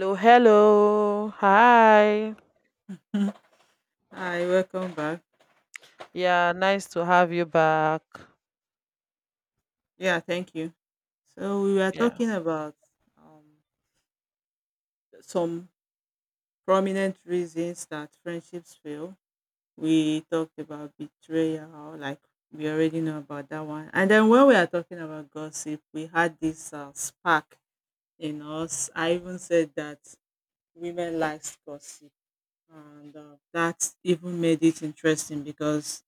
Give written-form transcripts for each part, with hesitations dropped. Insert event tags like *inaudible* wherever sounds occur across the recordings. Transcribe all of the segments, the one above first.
Hello, hello. Hi. Hi, welcome back. Yeah, nice to have you back. Yeah, thank you. So we were Yeah. talking about um, some prominent reasons that friendships fail. We talked about betrayal, like we already know about that one. And then when we are talking about gossip, we had this spark in us. I even said that women likes gossip. And that even made it interesting because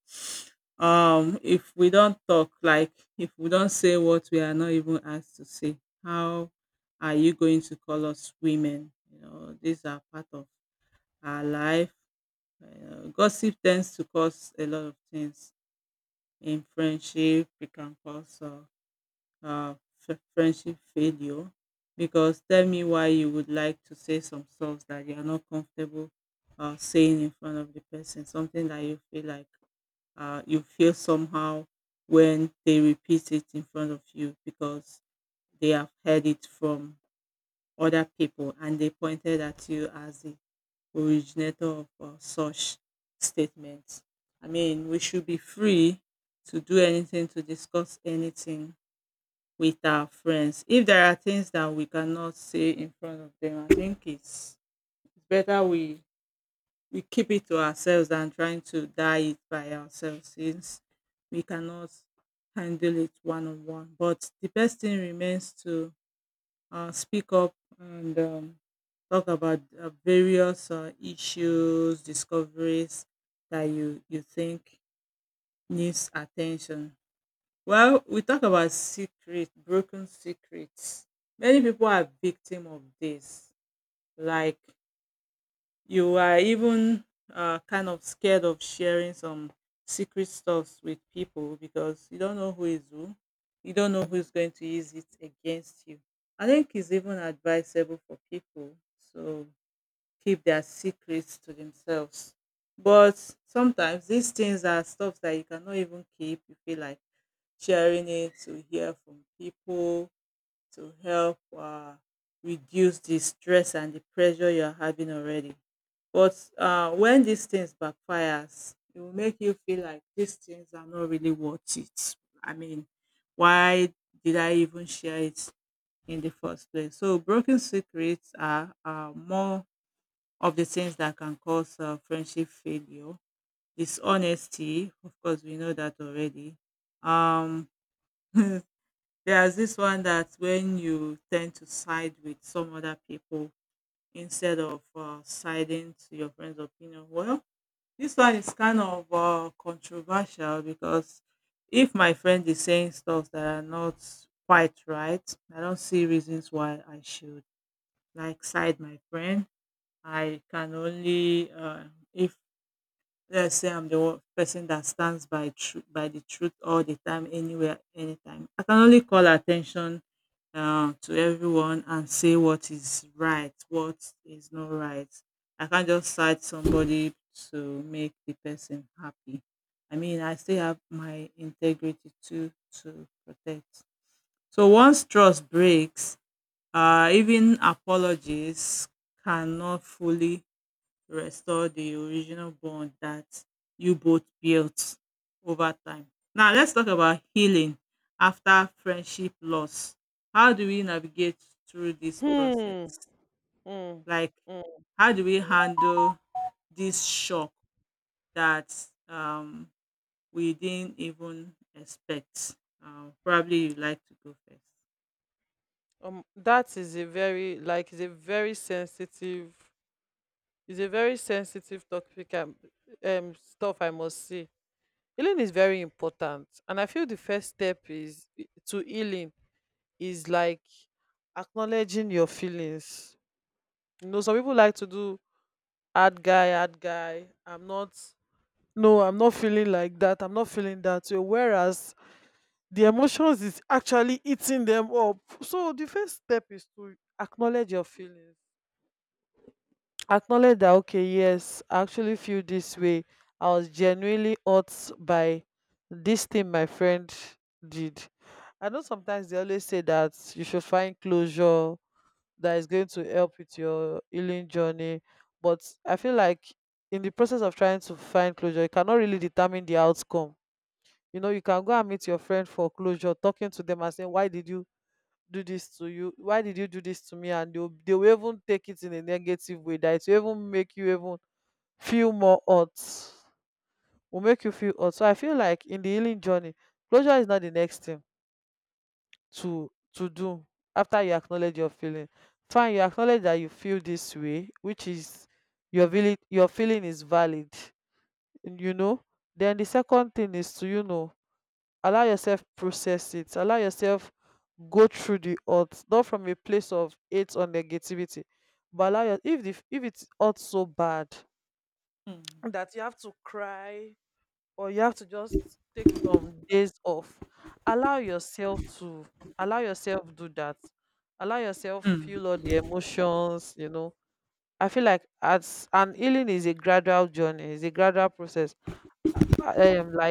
if we don't talk, like if we don't say what we are not even asked to say, how are you going to call us women? You know, these are part of our life. Gossip tends to cause a lot of things. In friendship, it can cause uh, friendship failure. Because tell me why you would like to say some stuff that you are not comfortable saying in front of the person, something that you feel like, you feel somehow when they repeat it in front of you because they have heard it from other people and they pointed at you as the originator of such statements. I mean, we should be free to do anything, to discuss anything with our friends. If there are things that we cannot say in front of them, I think it's better we keep it to ourselves than trying to die it by ourselves, since we cannot handle it one on one. But the best thing remains to speak up and talk about various issues, discoveries that you think needs attention. Well, we talk about secret, broken secrets. Many people are victim of this. Like, you are even kind of scared of sharing some secret stuffs with people because you don't know who is who. You don't know who's going to use it against you. I think it's even advisable for people to keep their secrets to themselves. But sometimes these things are stuff that you cannot even keep. You feel like sharing it to hear from people to help reduce the stress and the pressure you're having already. But when these things backfires, it will make you feel like these things are not really worth it. I mean, why did I even share it in the first place? So broken secrets are more of the things that can cause friendship failure. Dishonesty, of course, we know that already. Um, *laughs* There's this one that when you tend to side with some other people instead of siding to your friend's opinion. Well, this one is kind of controversial because if my friend is saying stuff that are not quite right, I don't see reasons why I should like side my friend. I can only if let's say I'm the one person that stands by by the truth all the time, anywhere, anytime. I can only call attention to everyone and say what is right, what is not right. I can't just cite somebody to make the person happy. I mean, I still have my integrity to protect. So once trust breaks, even apologies cannot fully restore the original bond that you both built over time. Now, let's talk about healing after friendship loss. How do we navigate through this Hmm. process? Mm, Like, mm. how do we handle this shock that um, we didn't even expect? Probably you like to go first. That is a very like is a very sensitive topic and stuff, I must say. Healing is very important, and I feel the first step is to healing is like acknowledging your feelings. Some people like to do hard guy, hard guy. I'm not. No, I'm not feeling like that, I'm not feeling that way, whereas the emotions is actually eating them up. So the first step is to acknowledge your feelings. Acknowledge that, okay, yes, I actually feel this way. I was genuinely hurt by this thing my friend did. I know sometimes they always say that you should find closure, that is going to help with your healing journey. But I feel like in the process of trying to find closure, you cannot really determine the outcome. You can go and meet your friend for closure, talking to them and saying, why did you do this to you, why did you do this to me, and they will even take it in a negative way, that it will even make you even feel more hurt. Will make you feel hurt. So I feel like in the healing journey, closure is not the next thing to do after you acknowledge your feeling. Fine, you acknowledge that you feel this way, which is your feeling. Your feeling is valid you know then the second thing is to allow yourself process it, allow yourself go through the odds, not from a place of hate or negativity, but allow your if it's odds so bad that you have to cry or you have to just take some days off. Allow yourself to, allow yourself do that, allow yourself Hmm. feel all the emotions. I feel like as and healing is a gradual journey, it's a gradual process. I am like